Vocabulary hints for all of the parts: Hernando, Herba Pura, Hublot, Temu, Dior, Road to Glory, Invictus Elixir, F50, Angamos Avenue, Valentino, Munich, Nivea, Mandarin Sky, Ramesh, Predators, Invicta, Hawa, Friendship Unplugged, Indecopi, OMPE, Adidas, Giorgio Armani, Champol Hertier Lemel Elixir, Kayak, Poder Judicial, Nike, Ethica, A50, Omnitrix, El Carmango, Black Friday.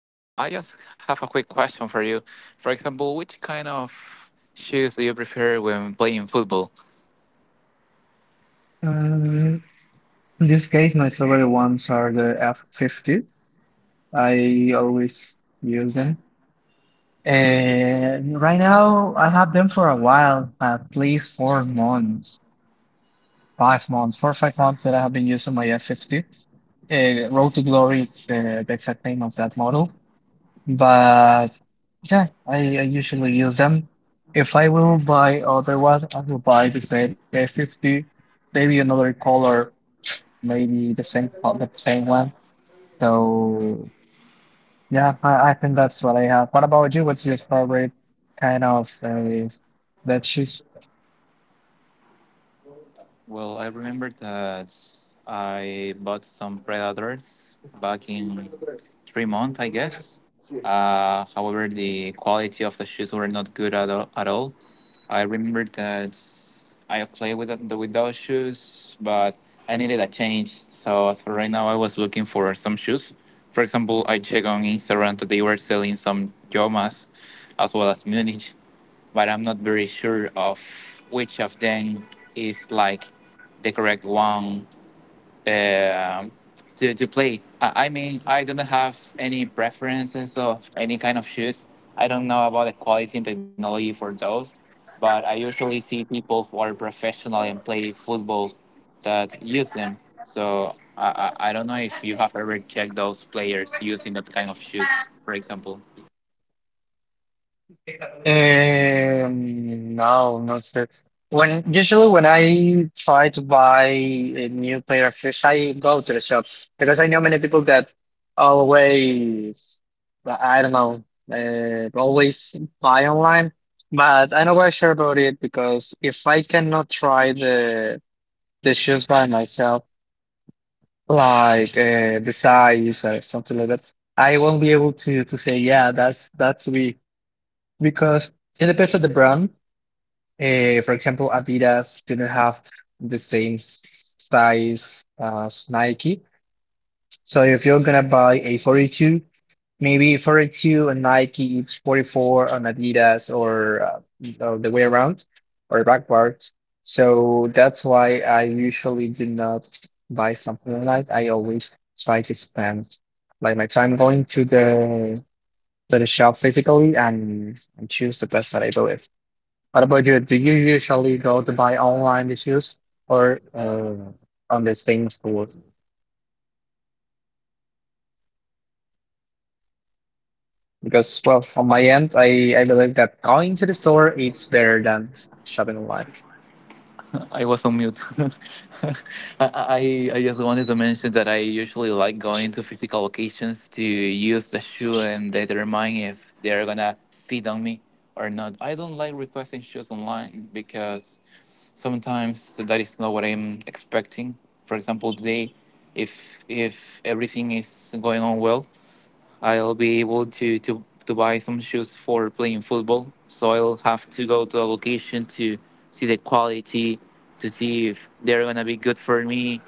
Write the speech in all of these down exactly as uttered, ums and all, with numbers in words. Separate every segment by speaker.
Speaker 1: Um, I just have a quick question for you. For example, which kind of shoes do you prefer when playing football?
Speaker 2: Um, in this case, my favorite ones are the F fifty. I always use them. And right now, I have them for a while, at least four months, five months, four or five months that I have been using my F fifty. Uh, Road to Glory, it's uh, the exact name of that model. But yeah, I, I usually use them. If I will buy other one, I will buy the same A fifty, maybe another color, maybe the same co- the same one. So yeah, I, I think that's what I have. What about you? What's your favorite kind of uh, that shoes?
Speaker 1: Well, I remember that I bought some Predators back in three months, I guess. Uh, however, the quality of the shoes were not good at all. At all. I remember that I played with the, with those shoes, but I needed a change. So as for right now, I was looking for some shoes. For example, I checked on Instagram that they were selling some Jomas as well as Munich, but I'm not very sure of which of them is like the correct one uh, to, to play. I, I mean, I don't have any preferences of any kind of shoes. I don't know about the quality and technology for those, but I usually see people who are professional and play football that use them. So I, I, I don't know if you have ever checked those players using that kind of shoes, for example.
Speaker 2: Um, no, not sure. When usually when I try to buy a new pair of shoes, I go to the shop because I know many people that always, I don't know, uh, always buy online. But I'm not quite sure about it because if I cannot try the the shoes by myself, like uh, the size or something like that, I won't be able to to say yeah, that's that's me because it depends on the brand. Uh, for example, Adidas didn't have the same s- size as Nike. So if you're gonna buy a forty-two, maybe forty-two on Nike, it's forty-four on Adidas or, uh, or the way around or backwards. So that's why I usually do not buy something online. I always try to spend like my time going to the to the shop physically and, and choose the best that I believe. What about you? Do you usually go to buy online these shoes or uh, on the same store? Because, well, on my end, I, I believe that going to the store it's better than shopping online.
Speaker 1: I was on mute. I, I I just wanted to mention that I usually like going to physical locations to use the shoe and determine if they're gonna fit on me or not. I don't like requesting shoes online because sometimes that is not what I'm expecting. For example, today, if if everything is going on well, I'll be able to, to, to buy some shoes for playing football. So I'll have to go to a location to see the quality, to see if they're gonna be good for me,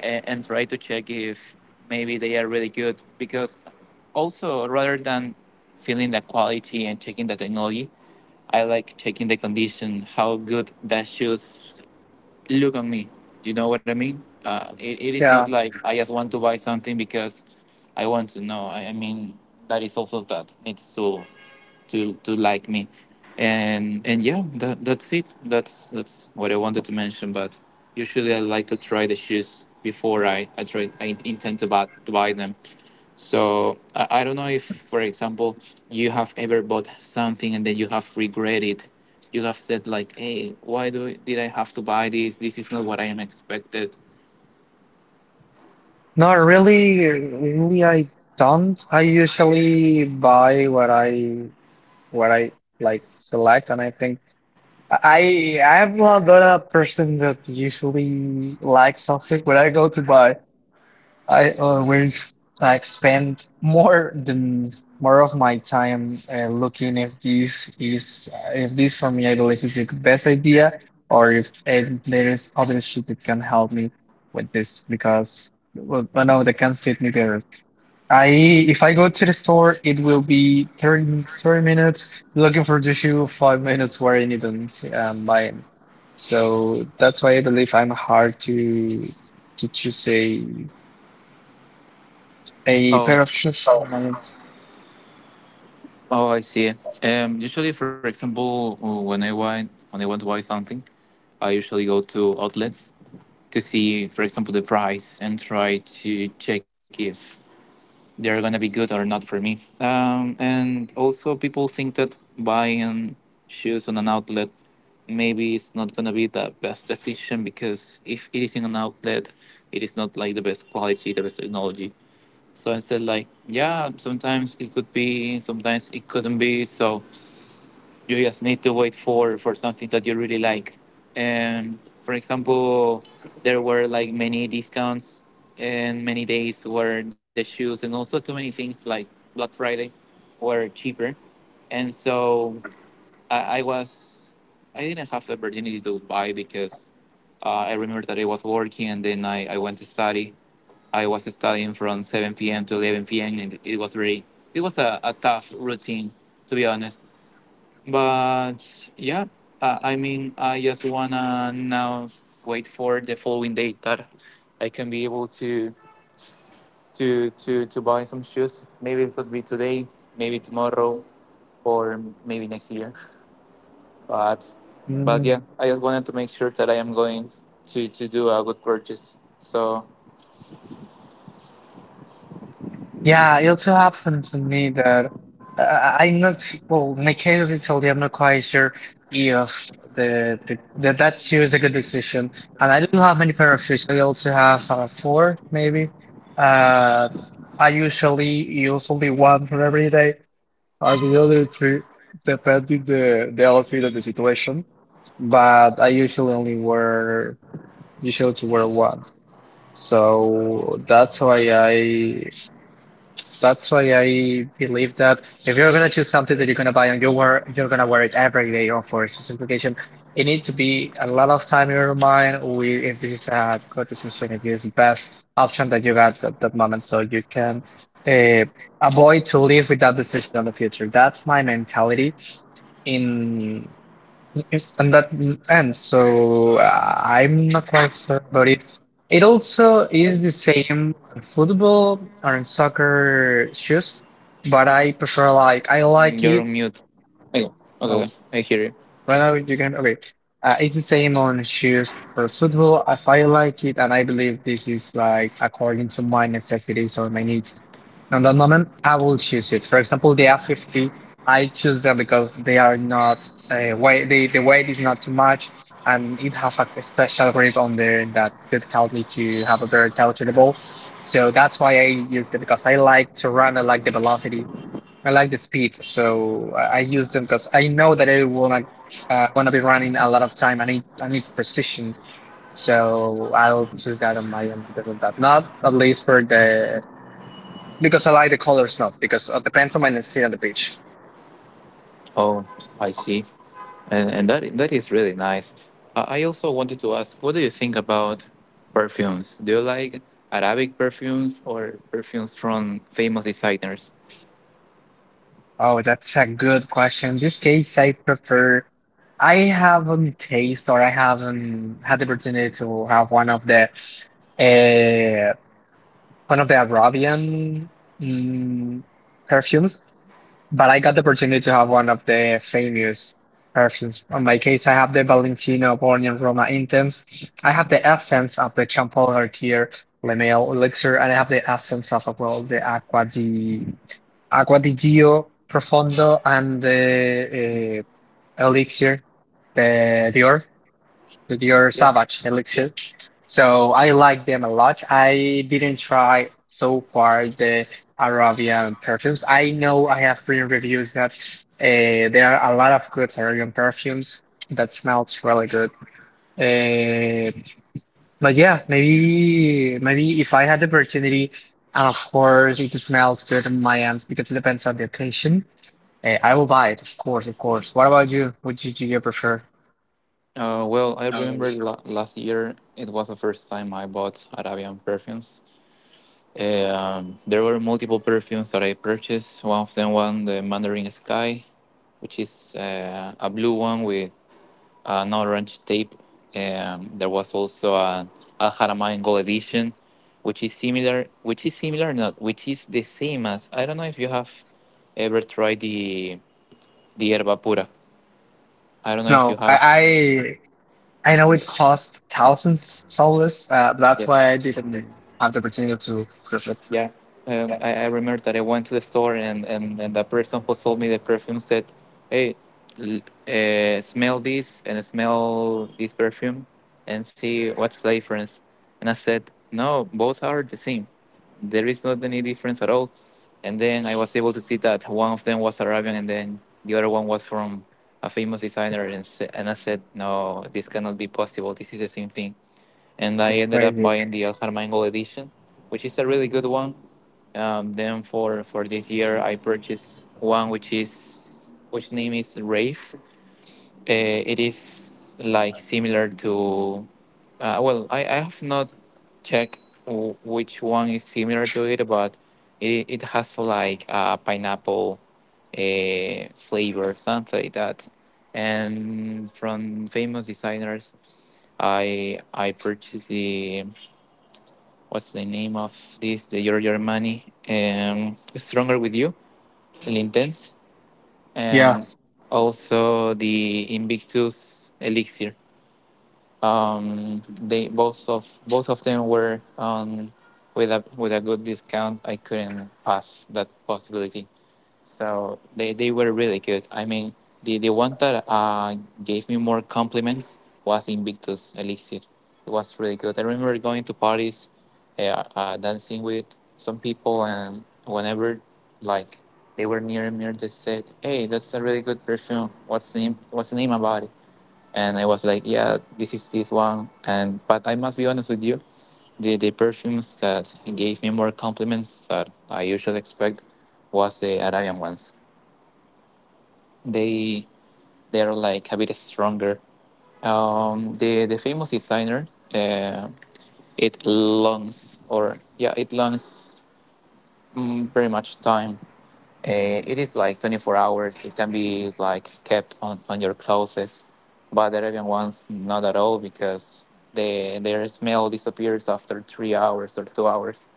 Speaker 1: and, and try to check if maybe they are really good. Because also rather than feeling the quality and checking the technology, I like checking the condition, how good the shoes look on me. You know what I mean? Uh, it, it is not
Speaker 2: Yeah,
Speaker 1: like I just want to buy something because I want to know. I, I mean, that is also that needs to to to like me, and and yeah, that that's it. That's that's what I wanted to mention. But usually, I like to try the shoes before I I try I intend to buy to buy them. So I, I don't know if, for example, you have ever bought something and then you have regretted. You have said like, "Hey, why do did I have to buy this? This is not what I am expected."
Speaker 2: not really. Really, I don't. I usually buy what I what I like select, and I think I I'm not the person that usually likes something when I go to buy. I always like spend more than more of my time uh, looking if this is if this for me I believe is the best idea or if uh, there is other shit that can help me with this because well, no that can fit me better. I if I go to the store it will be thirty thirty minutes looking for the shoe, five minutes wearing it and um, buying. So that's why I believe I'm hard to to to say a
Speaker 1: Oh,
Speaker 2: pair of shoes on my.
Speaker 1: oh, I see. Um, usually, for example, when I want when I want to buy something, I usually go to outlets to see, for example, the price and try to check if they're gonna be good or not for me. Um, and also, people think that buying shoes on an outlet, maybe it's not gonna be the best decision because if it is in an outlet, it is not like the best quality, the best technology. So I said like, yeah, sometimes it could be, sometimes it couldn't be. So you just need to wait for for something that you really like, and for example there were like many discounts and many days where the shoes and also too many things like Black Friday were cheaper, and so i, I was I didn't have the opportunity to buy because uh, I remember that I was working and then I, I went to study. I was studying from seven p.m to eleven p.m, and it was very, it was a, a tough routine, to be honest. But yeah, uh, I mean, I just wanna now wait for the following date that I can be able to to to to buy some shoes. Maybe it could be today, maybe tomorrow, or maybe next year. But but yeah,
Speaker 2: Mm.
Speaker 1: I just wanted to make sure that I am going to to do a good purchase. So
Speaker 2: Yeah, it also happened to me that uh, I'm not well. My case of Italy, I'm not quite sure if the, the, the that shoe is a good decision. And I don't have many pair of shoes. I also have uh, four, maybe. Uh, I usually use only one for every day, or the other two, depending the the outfit and the situation. But I usually only wear usually to wear one. So that's why I that's why I believe that if you're gonna choose something that you're gonna buy and you wear you're gonna wear it every day or for a specific occasion, it needs to be a lot of time in your mind. We if this is a good decision, if this is the best option that you got at that moment, so you can uh, avoid to live with that decision in the future. That's my mentality in. Yes, and that mm, and so uh, I'm not quite sure about it. It also is the same on football or in soccer shoes, but I prefer like I like
Speaker 1: you're on
Speaker 2: it.
Speaker 1: mute. Okay,
Speaker 2: Oh,
Speaker 1: okay, I hear you.
Speaker 2: right now you can okay. Uh, it's the same on shoes for football. If I like it, and I believe this is like according to my necessities or my needs, on that moment I will choose it. For example, the F fifty, I choose them because they are not uh, weight. They, the weight is not too much, and it have a special grip on there that could help me to have a better touch on the ball. So that's why I use it because I like to run. I like the velocity, I like the speed, so I I use them because I know that I will not uh, wanna be running a lot of time. I need I need precision, so I'll choose that on my own because of that. Not at least for the because I like the colors, not because it depends on my necessity on the beach.
Speaker 1: Oh, I see. And and that i- that is really nice. I I also wanted to ask, what do you think about perfumes? Do you like Arabic perfumes or perfumes from famous designers?
Speaker 2: Oh, that's a good question. In this case, I prefer. I haven't taste or I haven't had the opportunity to have one of the uh, one of the Arabian mm, perfumes. But I got the opportunity to have one of the famous perfumes. On my case, I have the Valentino born in Roma Intense. I have the essence of the Champol Hertier Lemel Elixir, and I have the essence of well the Aqua di Aqua di Gio Profondo and the uh, Elixir, the Dior with your
Speaker 1: Yeah.
Speaker 2: Savage Elixir. So I like them a lot. I didn't try so far the Arabian perfumes. I know I have read reviews that uh, there are a lot of good Arabian perfumes that smells really good. Uh, but yeah, maybe maybe if I had the opportunity, and of course it smells good in my hands because it depends on the occasion. Uh, I will buy it, of course, of course. What about you? What did you prefer?
Speaker 1: Uh, well, I
Speaker 2: Um,
Speaker 1: remember la- last year it was the first time I bought Arabian perfumes. Um, there were multiple perfumes that I purchased. One of them, one the Mandarin Sky, which is uh, a blue one with an orange tape. Um, there was also an Al Haramain Gold Edition, which is similar, which is similar, not which is the same as. I don't know if you have ever tried the the Herba Pura. I don't know if you
Speaker 2: No,
Speaker 1: have.
Speaker 2: I, I know it cost thousands dollars. Uh, that's
Speaker 1: Yeah.
Speaker 2: why I didn't have the opportunity to prove it.
Speaker 1: Yeah, um,
Speaker 2: Yeah,
Speaker 1: I, I remember that I went to the store, and, and, and the person who sold me the perfume said, "Hey, l- uh, smell this and smell this perfume, and see what's the difference." And I said, "No, both are the same. There is not any difference at all." And then I was able to see that one of them was Arabian, and then the other one was from a famous designer. And s- and I said, "No, this cannot be possible. This is the same thing." And I
Speaker 2: it's
Speaker 1: ended up
Speaker 2: crazy.
Speaker 1: buying the El Carmango edition, which is a really good one. Um, then for for this year, I purchased one which is which name is Rafe. Uh, it is like similar to, uh, well, I, I have not checked w- which one is similar to it, but it it has like a pineapple uh, flavor, something like that. And from famous designers, I I purchased the what's the name of this? The Giorgio Armani, um, Stronger with You, El Intense,
Speaker 2: Yeah,
Speaker 1: and also the Invictus Elixir. Um, they Both of both of them were on with a with a good discount. I couldn't pass that possibility. So they, they were really good. I mean, the, the one that uh, gave me more compliments was Invictus Elixir. It was really good. I remember going to parties, uh, uh, dancing with some people, and whenever like they were near me, they said, "Hey, that's a really good perfume. What's the name? What's the name about it?" And I was like, "Yeah, this is this one." And but I must be honest with you, the the perfumes that gave me more compliments that I usually expect was the Arabian ones. They they're like a bit stronger. Um, the the famous designer, uh, it longs or yeah, it longs mm, very much time. Uh, it is like twenty four hours. It can be like kept on, on your clothes, but the Arabian ones not at all because the their smell disappears after three hours or two hours,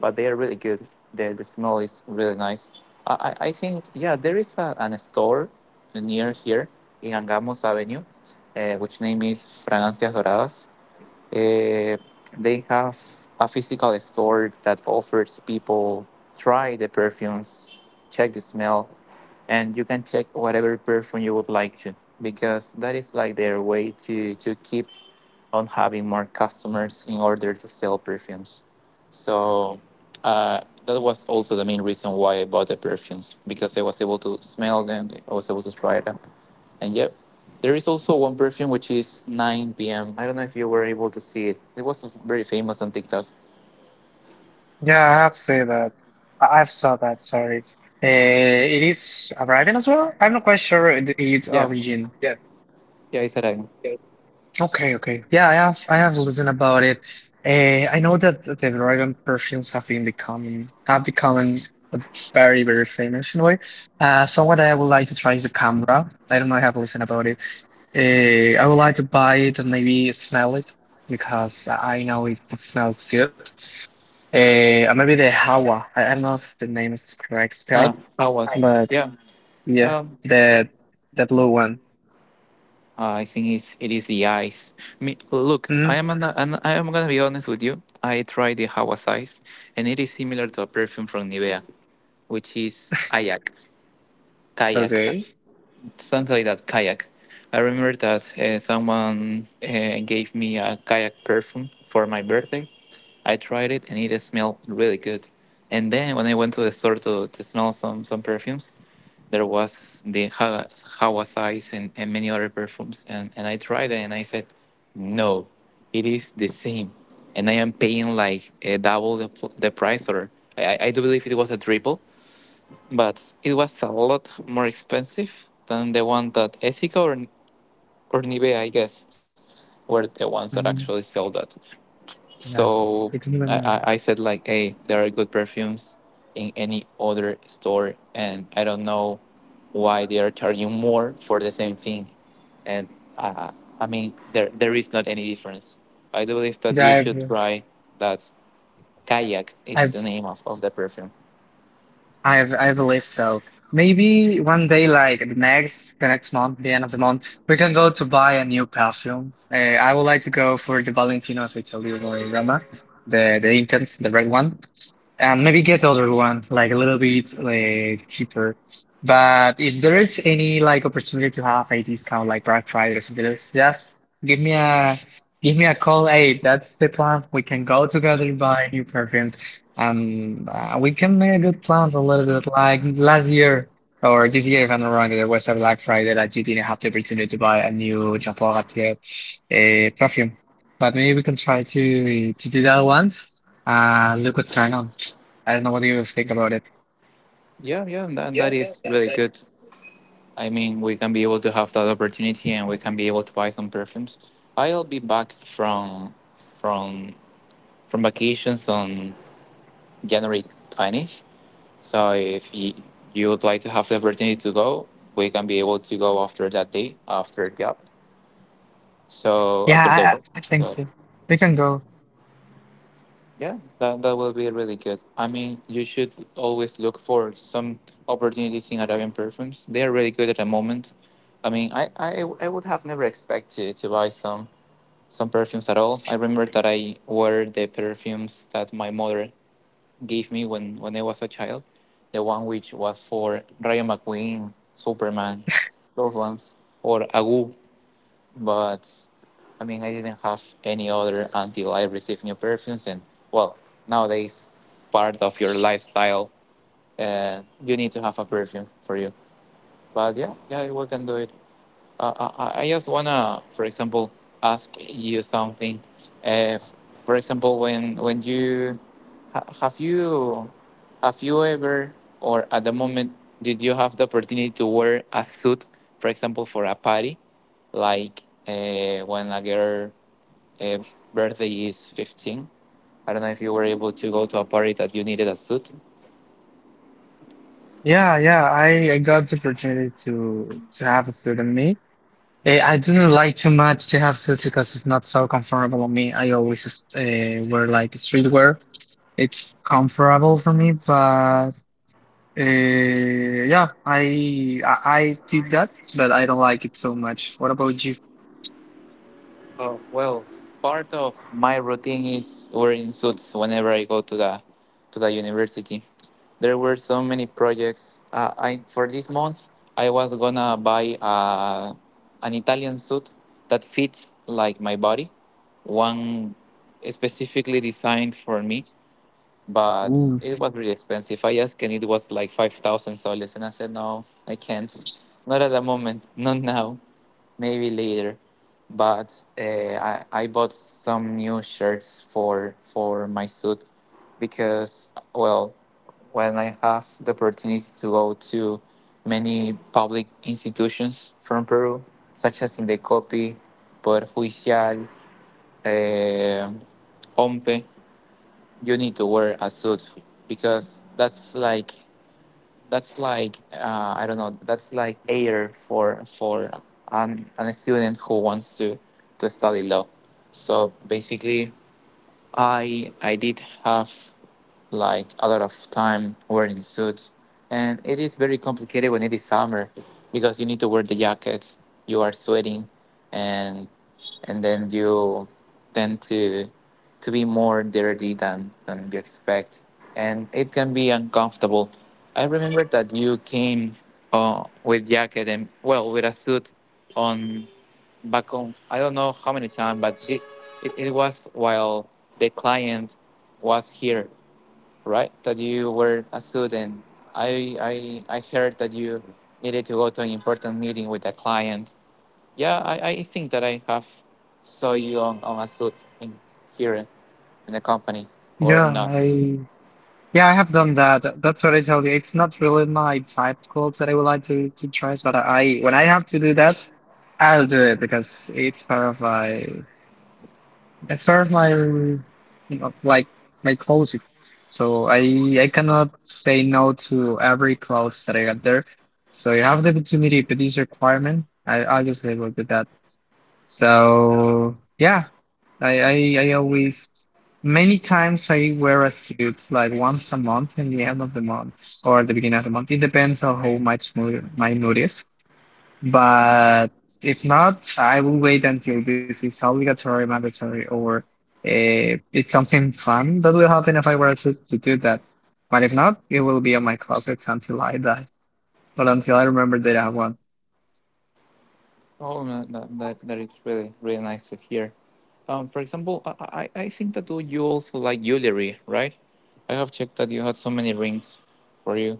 Speaker 1: but they are really good. The, the smell is really nice. I, I, I think, yeah, there is a, an store near here in Angamos Avenue, uh, which name is Fragancias Doradas. Uh, they have a physical store that offers people try the perfumes, check the smell, and you can check whatever perfume you would like to, because that is like their way to to keep on having more customers in order to sell perfumes. So uh, that was also the main reason why I bought the perfumes, because I was able to smell them, I was able to try them, and yep. There is also one perfume which is nine p m. I don't know if you were able to see it. It was very famous on TikTok.
Speaker 2: yeah, I have to say that. I- I've saw that. Sorry. Uh, it is arriving as well. I'm not quite sure it- its
Speaker 1: Yeah,
Speaker 2: origin. Yeah,
Speaker 1: yeah, it's a rhyme.
Speaker 2: yeah. Okay, okay. Yeah, I have I have listened about it. Uh, I know that the Arabian perfumes have been becoming have become very very famous in a way. Uh, so what I would like to try is the camera. I don't know. I have listened about it. Uh, I would like to buy it and maybe smell it because I know it smells good. Uh, and maybe the Hawa. I, I don't know if the name is correct
Speaker 1: Uh,
Speaker 2: spelled,
Speaker 1: I was.
Speaker 2: but
Speaker 1: Yeah.
Speaker 2: yeah,
Speaker 1: um,
Speaker 2: the the blue one.
Speaker 1: I think it's it is the eyes. Me, look, I
Speaker 2: Hmm.
Speaker 1: am an, an, I am gonna be honest with you. I tried the Hawa's eyes, and it is similar to a perfume from Nivea, which is kayak, kayak, uh,
Speaker 2: Okay.
Speaker 1: something like that, kayak. I remember that uh, someone uh, gave me a kayak perfume for my birthday. I tried it, and it smelled really good. And then when I went to the store to, to smell some some perfumes, there was the Hawa Hawa size and, and many other perfumes. And, and I tried it and I said, no, it is the same. And I am paying like a double the, pl- the price, or I, I I do believe it was a triple, but it was a lot more expensive than the one that Ethica or, or Nivea, I guess, were the ones that actually
Speaker 2: Um,
Speaker 1: sell that.
Speaker 2: yeah.
Speaker 1: So
Speaker 2: It's
Speaker 1: I,
Speaker 2: even,
Speaker 1: I, I said like, hey, there are good perfumes in any other store, and I don't know why they are charging more for the same thing. And uh, I mean, there there is not any difference. I do believe that
Speaker 2: yeah,
Speaker 1: you should
Speaker 2: I've,
Speaker 1: try that. Kayak is the
Speaker 2: I've
Speaker 1: name of, of the perfume.
Speaker 2: I I believe so. Maybe one day, like the next the next month, the end of the month, we can go to buy a new perfume. Uh, I would like to go for the Valentino as I told you, or Roma, the the intense, the red one and maybe get other one like a little bit like cheaper. But if there is any like opportunity to have a discount like Black Friday or something else, just give me a give me a call. Hey, that's the plan. We can go together buy new perfumes, and uh, we can make a good plan a little bit like last year or this year if I'm not wrong. There was a Black Friday that you didn't have the opportunity to buy a new Jean Paul Gaultier uh, perfume, but maybe we can try to to do that once. Uh, look what's going on. I don't know what you think about it.
Speaker 1: Yeah, yeah, and that, that
Speaker 2: Yeah, yeah.
Speaker 1: is really good. I mean, we can be able to have that opportunity, and we can be able to buy some perfumes. I'll be back from from from vacations on January twentieth. So if you, you would like to have the opportunity to go, we can be able to go after that day, after the app. So
Speaker 2: Yeah,
Speaker 1: after the
Speaker 2: I, I
Speaker 1: work.
Speaker 2: I think
Speaker 1: So
Speaker 2: so. We can go.
Speaker 1: yeah, that, that will be really good. I mean, you should always look for some opportunities in Arabian perfumes. They are really good at the moment. I mean, I, I, I would have never expected to buy some some perfumes at all. I remember that I wore the perfumes that my mother gave me when, when I was a child. The one which was for Rayo McQueen, Superman, those ones, or Agu. But I mean, I didn't have any other until I received new perfumes. And well, nowadays, part of your lifestyle, uh, you need to have a perfume for you. But yeah, yeah, we can do it. Uh, I, I just wanna, for example, ask you something. Uh, f- for example, when when you ha- have you have you ever or at the moment did you have the opportunity to wear a suit, for example, for a party, like uh, when a girl uh, birthday is fifteen? I don't know if you were able to go to a party that you needed a suit.
Speaker 2: Yeah, yeah. I, I got the opportunity to to have a suit on me. Eh, I didn't like too much to have suits because it's not so comfortable on me. I always just uh, wear like streetwear. It's comfortable for me, but uh, yeah, I, I, I did that, but I don't like it so much. What about you?
Speaker 1: Oh, well, part of my routine is wearing suits whenever I go to the to the university. There were so many projects. Uh, I for this month I was gonna buy uh, an Italian suit that fits like my body, one specifically designed for me. But
Speaker 2: Ooh.
Speaker 1: it was really expensive. I asked, and it was like five thousand soles, and I said no, I can't, not at the moment, not now maybe later. But uh, I I bought some new shirts for for my suit because well, when I have the opportunity to go to many public institutions from Peru, such as Indecopi, Poder Judicial, um O M P E, you need to wear a suit because that's like that's like uh, I don't know. That's like air for for an, an student who wants to to study law. So basically, I I did have like a lot of time wearing suits, and it is very complicated when it is summer because you need to wear the jacket. You are sweating, and and then you tend to to be more dirty than than you expect, and it can be uncomfortable. I remember that you came uh, with jacket and well with a suit on back on I don't know how many times, but thi- it, it was while the client was here, right? That you were a student. I I I heard that you needed to go to an important meeting with a client. Yeah, I, I think that I have saw you on, on a suit in here in the company or
Speaker 2: Yeah,
Speaker 1: not.
Speaker 2: I. Yeah, I have done that. That's what I tell you. It's not really my type of clothes that I would like to to try, but I when I have to do that, I'll do it because it's part of my it's part of my you know, like my closet. So I I cannot say no to every clothes that I got there. So you have the opportunity, but this requirement, I obviously will do that. So yeah, I, I, I always many times I wear a suit like once a month in the end of the month or at the beginning of the month. It depends on how much mood my mood is. But if not, I will wait until this is obligatory, mandatory, or uh, it's something fun that will happen if I wear a suit to do that. But if not, it will be on my closets until I die or until I remember that I have one.
Speaker 1: Oh, no, that, that that is really really nice to hear. Um, for example, I I, I think that you you also like jewelry, right? I have checked that you had so many rings for you.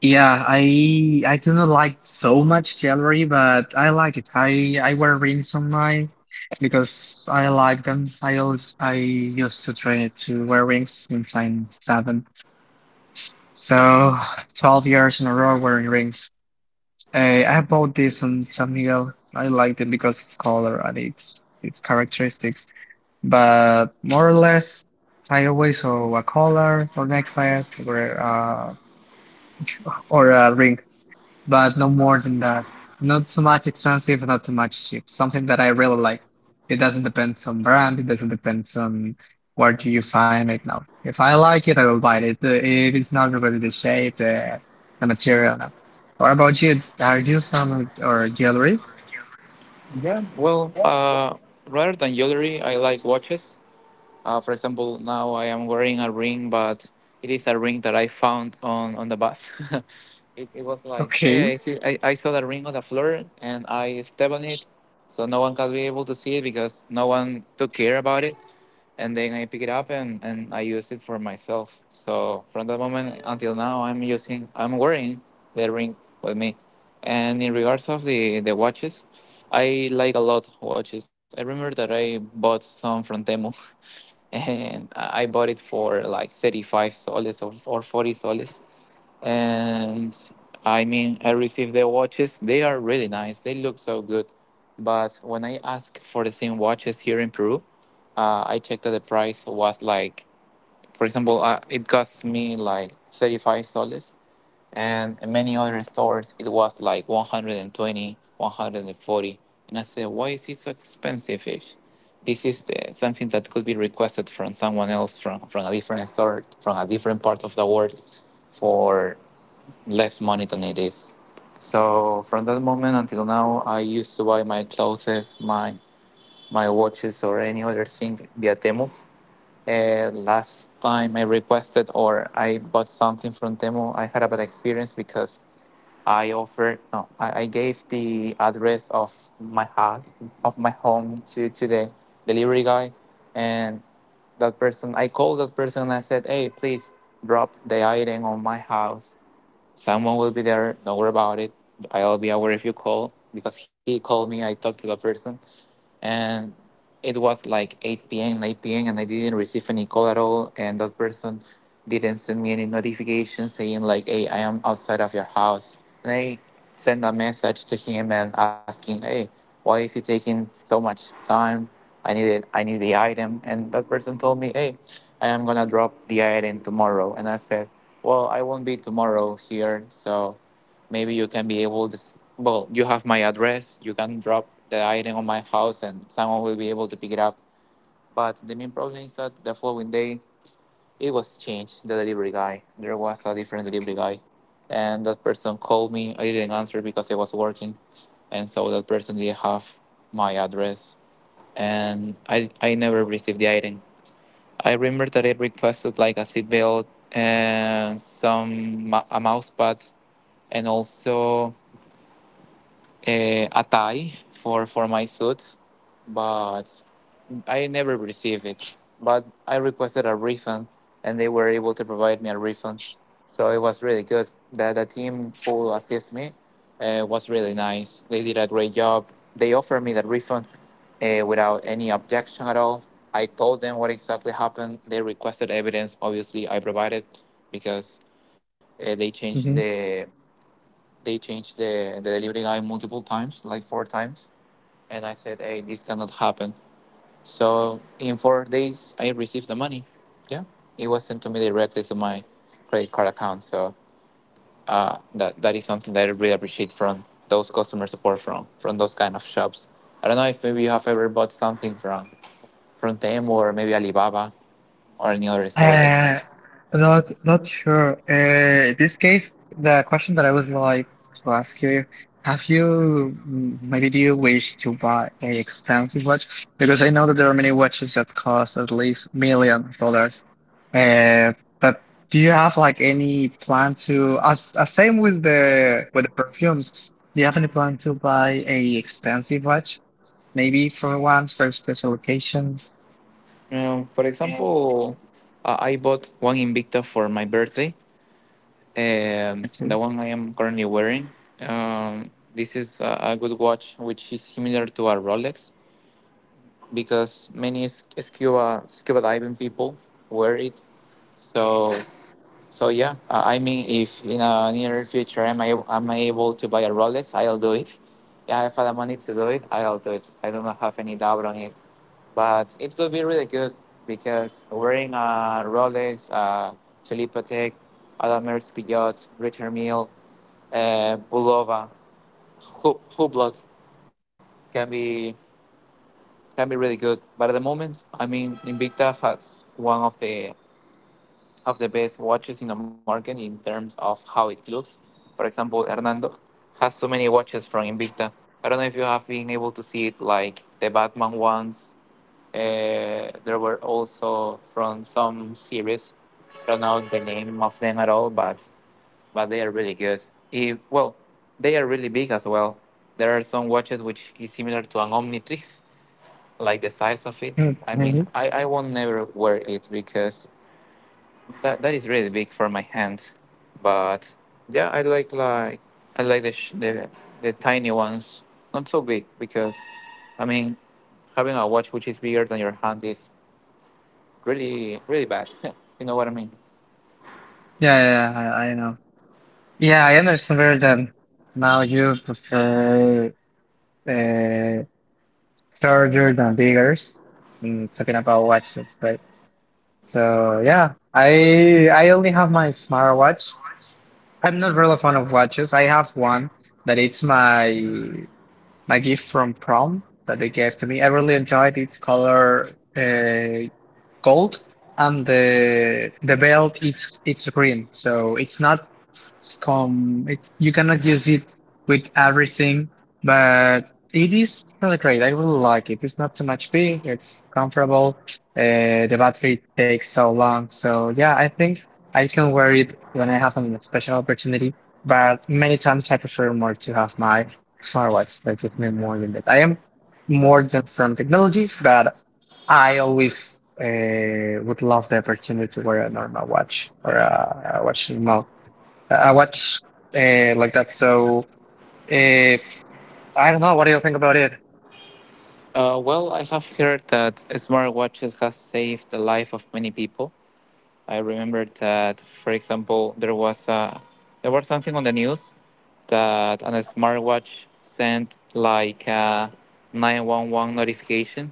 Speaker 2: Yeah, I I do not like so much jewelry, but I like it. I I wear rings on mine because I like them. I always I used to try to wear rings since I'm seven, so twelve years in a row wearing rings. I I bought this on San Miguel. I like them because it's color and it's its characteristics. But more or less, I always saw a collar or necklace or uh or a ring. But no more than that. Not too much expensive, not too much cheap. Something that I really like. It doesn't depend on brand, it doesn't depend on where do you find it now. If I like it, I will buy it. Uh, It is not really the shape, the, the material. No. What about you? Are you some or jewelry?
Speaker 1: Yeah. Well, uh, rather than jewelry, I like watches. Uh, for example, now I am wearing a ring, but it is a ring that I found on on the bus. it, it was like,
Speaker 2: Okay.
Speaker 1: hey, I see, I, I saw the ring on the floor and I stepped on it, so no one can be able to see it because no one took care about it and then I pick it up and, and I use it for myself. So from that moment until now, I'm using, I'm wearing the ring with me. And in regards of the, the watches, I like a lot watches. I remember that I bought some from Temu and I bought it for like thirty-five soles or, or forty soles and I mean, I received the watches. They are really nice. They look so good. But when I asked for the same watches here in Peru, uh, I checked that the price was like, for example, uh, it cost me like thirty-five soles, and in many other stores it was like one hundred twenty, one hundred forty. And I said, why is it so expensive? If this is uh, something that could be requested from someone else from, from a different store, from a different part of the world, for less money than it is. So from that moment until now, I used to buy my clothes, my my watches, or any other thing via Temu. Uh, last time I requested or I bought something from Temu, I had a bad experience because I offered no, I, I gave the address of my house of my home to to the delivery guy, and that person I called that person and I said, hey, please drop the item on my house. Someone will be there. Don't worry about it. I'll be aware if you call because he called me. I talked to the person and it was like eight p.m. nine p.m. and I didn't receive any call at all, and that person didn't send me any notification saying like, hey, I am outside of your house, and I sent a message to him and asking, hey, why is it taking so much time, I need it, I need the item, and that person told me, hey, I am gonna drop the item tomorrow, and I said, well, I won't be tomorrow here, so maybe you can be able to, well, you have my address. You can drop the item on my house and someone will be able to pick it up. But the main problem is that the following day, it was changed, the delivery guy. There was a different delivery guy. And that person called me. I didn't answer because I was working. And so that person didn't have my address. And I, I never received the item. I remember that I requested like a seatbelt and some mou- a mouse pad and also eh, a tie for for my suit, but I never received it. But I requested a refund, and they were able to provide me a refund. So it was really good. The the team who assist me uh, was really nice. They did a great job. They offered me the refund uh, without any objection at all. I told them what exactly happened. They requested evidence. Obviously, I provided because uh, they changed
Speaker 2: Mhm.
Speaker 1: the they changed the, the delivery guy multiple times, like four times. And I said, hey, this cannot happen. So in four days, I received the money. Yeah. It was sent to me directly to my credit card account. So uh, that, that is something that I really appreciate from those customer support from, from those kind of shops. I don't know if maybe you have ever bought something from, from them or maybe Alibaba or any other store like
Speaker 2: Uh,
Speaker 1: that.
Speaker 2: Not not sure. Uh, this case, the question that I was like to ask you, have you mm, maybe do you wish to buy a expensive watch? Because I know that there are many watches that cost at least million of dollars. Uh, but do you have like any plan to, as, as same with the with the perfumes, do you have any plan to buy a expensive watch? Maybe for once, for special occasions?
Speaker 1: Um, for example, uh, I bought one Invicta for my birthday. Um, the one I am currently wearing. Um, this is a, a good watch, which is similar to a Rolex because many s- scuba scuba diving people wear it. So so yeah, uh, I mean, if in a near future am I am I able to buy a Rolex, I'll do it. Yeah, if I have the money to do it, I'll do it. I do not have any doubt on it. But it could be really good because wearing a Rolex, uh, Philippa Tech, Adamers Peugeot, Richard Mille uh, Bulova, Hu- Hublot can be can be really good. But at the moment, I mean, Invicta has one of the of the best watches in the market in terms of how it looks. For example, Hernando has so many watches from Invicta. I don't know if you have been able to see it, like the Batman ones. Uh, there were also from some series. I don't know the name of them at all, but but they are really good. If, well, they are really big as well. There are some watches which is similar to an Omnitrix, like the size of it. I mean,
Speaker 2: Okay.
Speaker 1: I, I won't never wear it because that, that is really big for my hand. But yeah, I like like I like the, sh- the the tiny ones, not so big because I mean, having a watch which is bigger than your hand is really really bad. You know what I mean?
Speaker 2: Yeah, yeah, yeah, I, I know. Yeah, I understand better that now you prefer uh, larger than biggers. Mm, talking about watches, right? So yeah, I I only have my smartwatch. I'm not really a fan of watches. I have one that it's my my gift from prom that they gave to me. I really enjoyed its color. Uh, Gold and the the belt is it's green so it's not come it, you cannot use it with everything, but it is really great. I really like it. It's not too much big, it's comfortable. Uh, the battery takes so long, so yeah, I think I can wear it when I have a special opportunity, but many times I prefer more to have my smartwatch that gives me more than that. I am more than from technology but I always uh, would love the opportunity to wear a normal watch or a, a watch mount, a watch uh, like that. So if I don't know, what do you think about it?
Speaker 1: Uh, well, I have heard that smartwatches has saved the life of many people. I remember that, for example, there was a, there was something on the news that on a smartwatch sent like a nine one one notification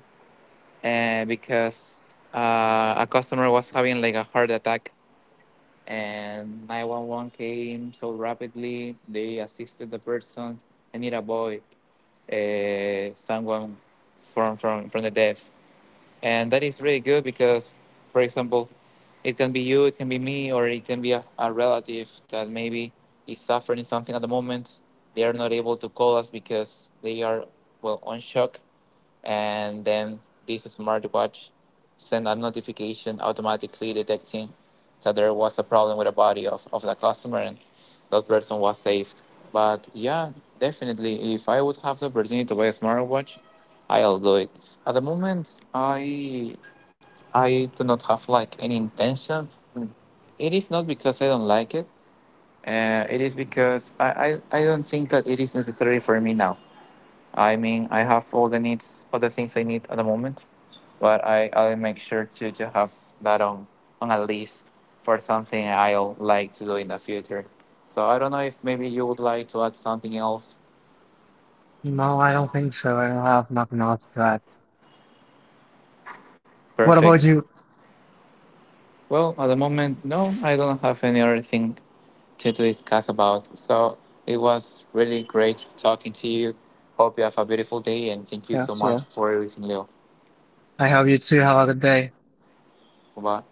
Speaker 1: uh, because uh, a customer was having like a heart attack, and nine one one came so rapidly. They assisted the person and it avoided uh, someone from, from, from the death, and that is really good because for example it can be you, it can be me, or it can be a, a relative that maybe is suffering something at the moment they are not able to call us because they are well on shock, and then this smartwatch sent a notification automatically detecting that there was a problem with the body of, of the customer and that person was saved. But yeah, definitely, if I would have the opportunity to buy a smartwatch, I'll do it. At the moment, I I do not have like any intention. It is not because I don't like it. Uh, it is because I, I, I don't think that it is necessary for me now. I mean, I have all the needs, all the things I need at the moment, but I I'll make sure to to have that on on a list for something I'll like to do in the future. So I don't know if maybe you would like to add something else.
Speaker 2: No, I don't think so. I don't have nothing else to add. What about
Speaker 1: Perfect.
Speaker 2: you?
Speaker 1: Well, at the moment, no, I don't have any other thing to to discuss about. So it was really great talking to you. Hope you have a beautiful day, and thank you so
Speaker 2: Yes,
Speaker 1: much
Speaker 2: well,
Speaker 1: for everything, Leo.
Speaker 2: I hope you too have a good day.
Speaker 1: Bye.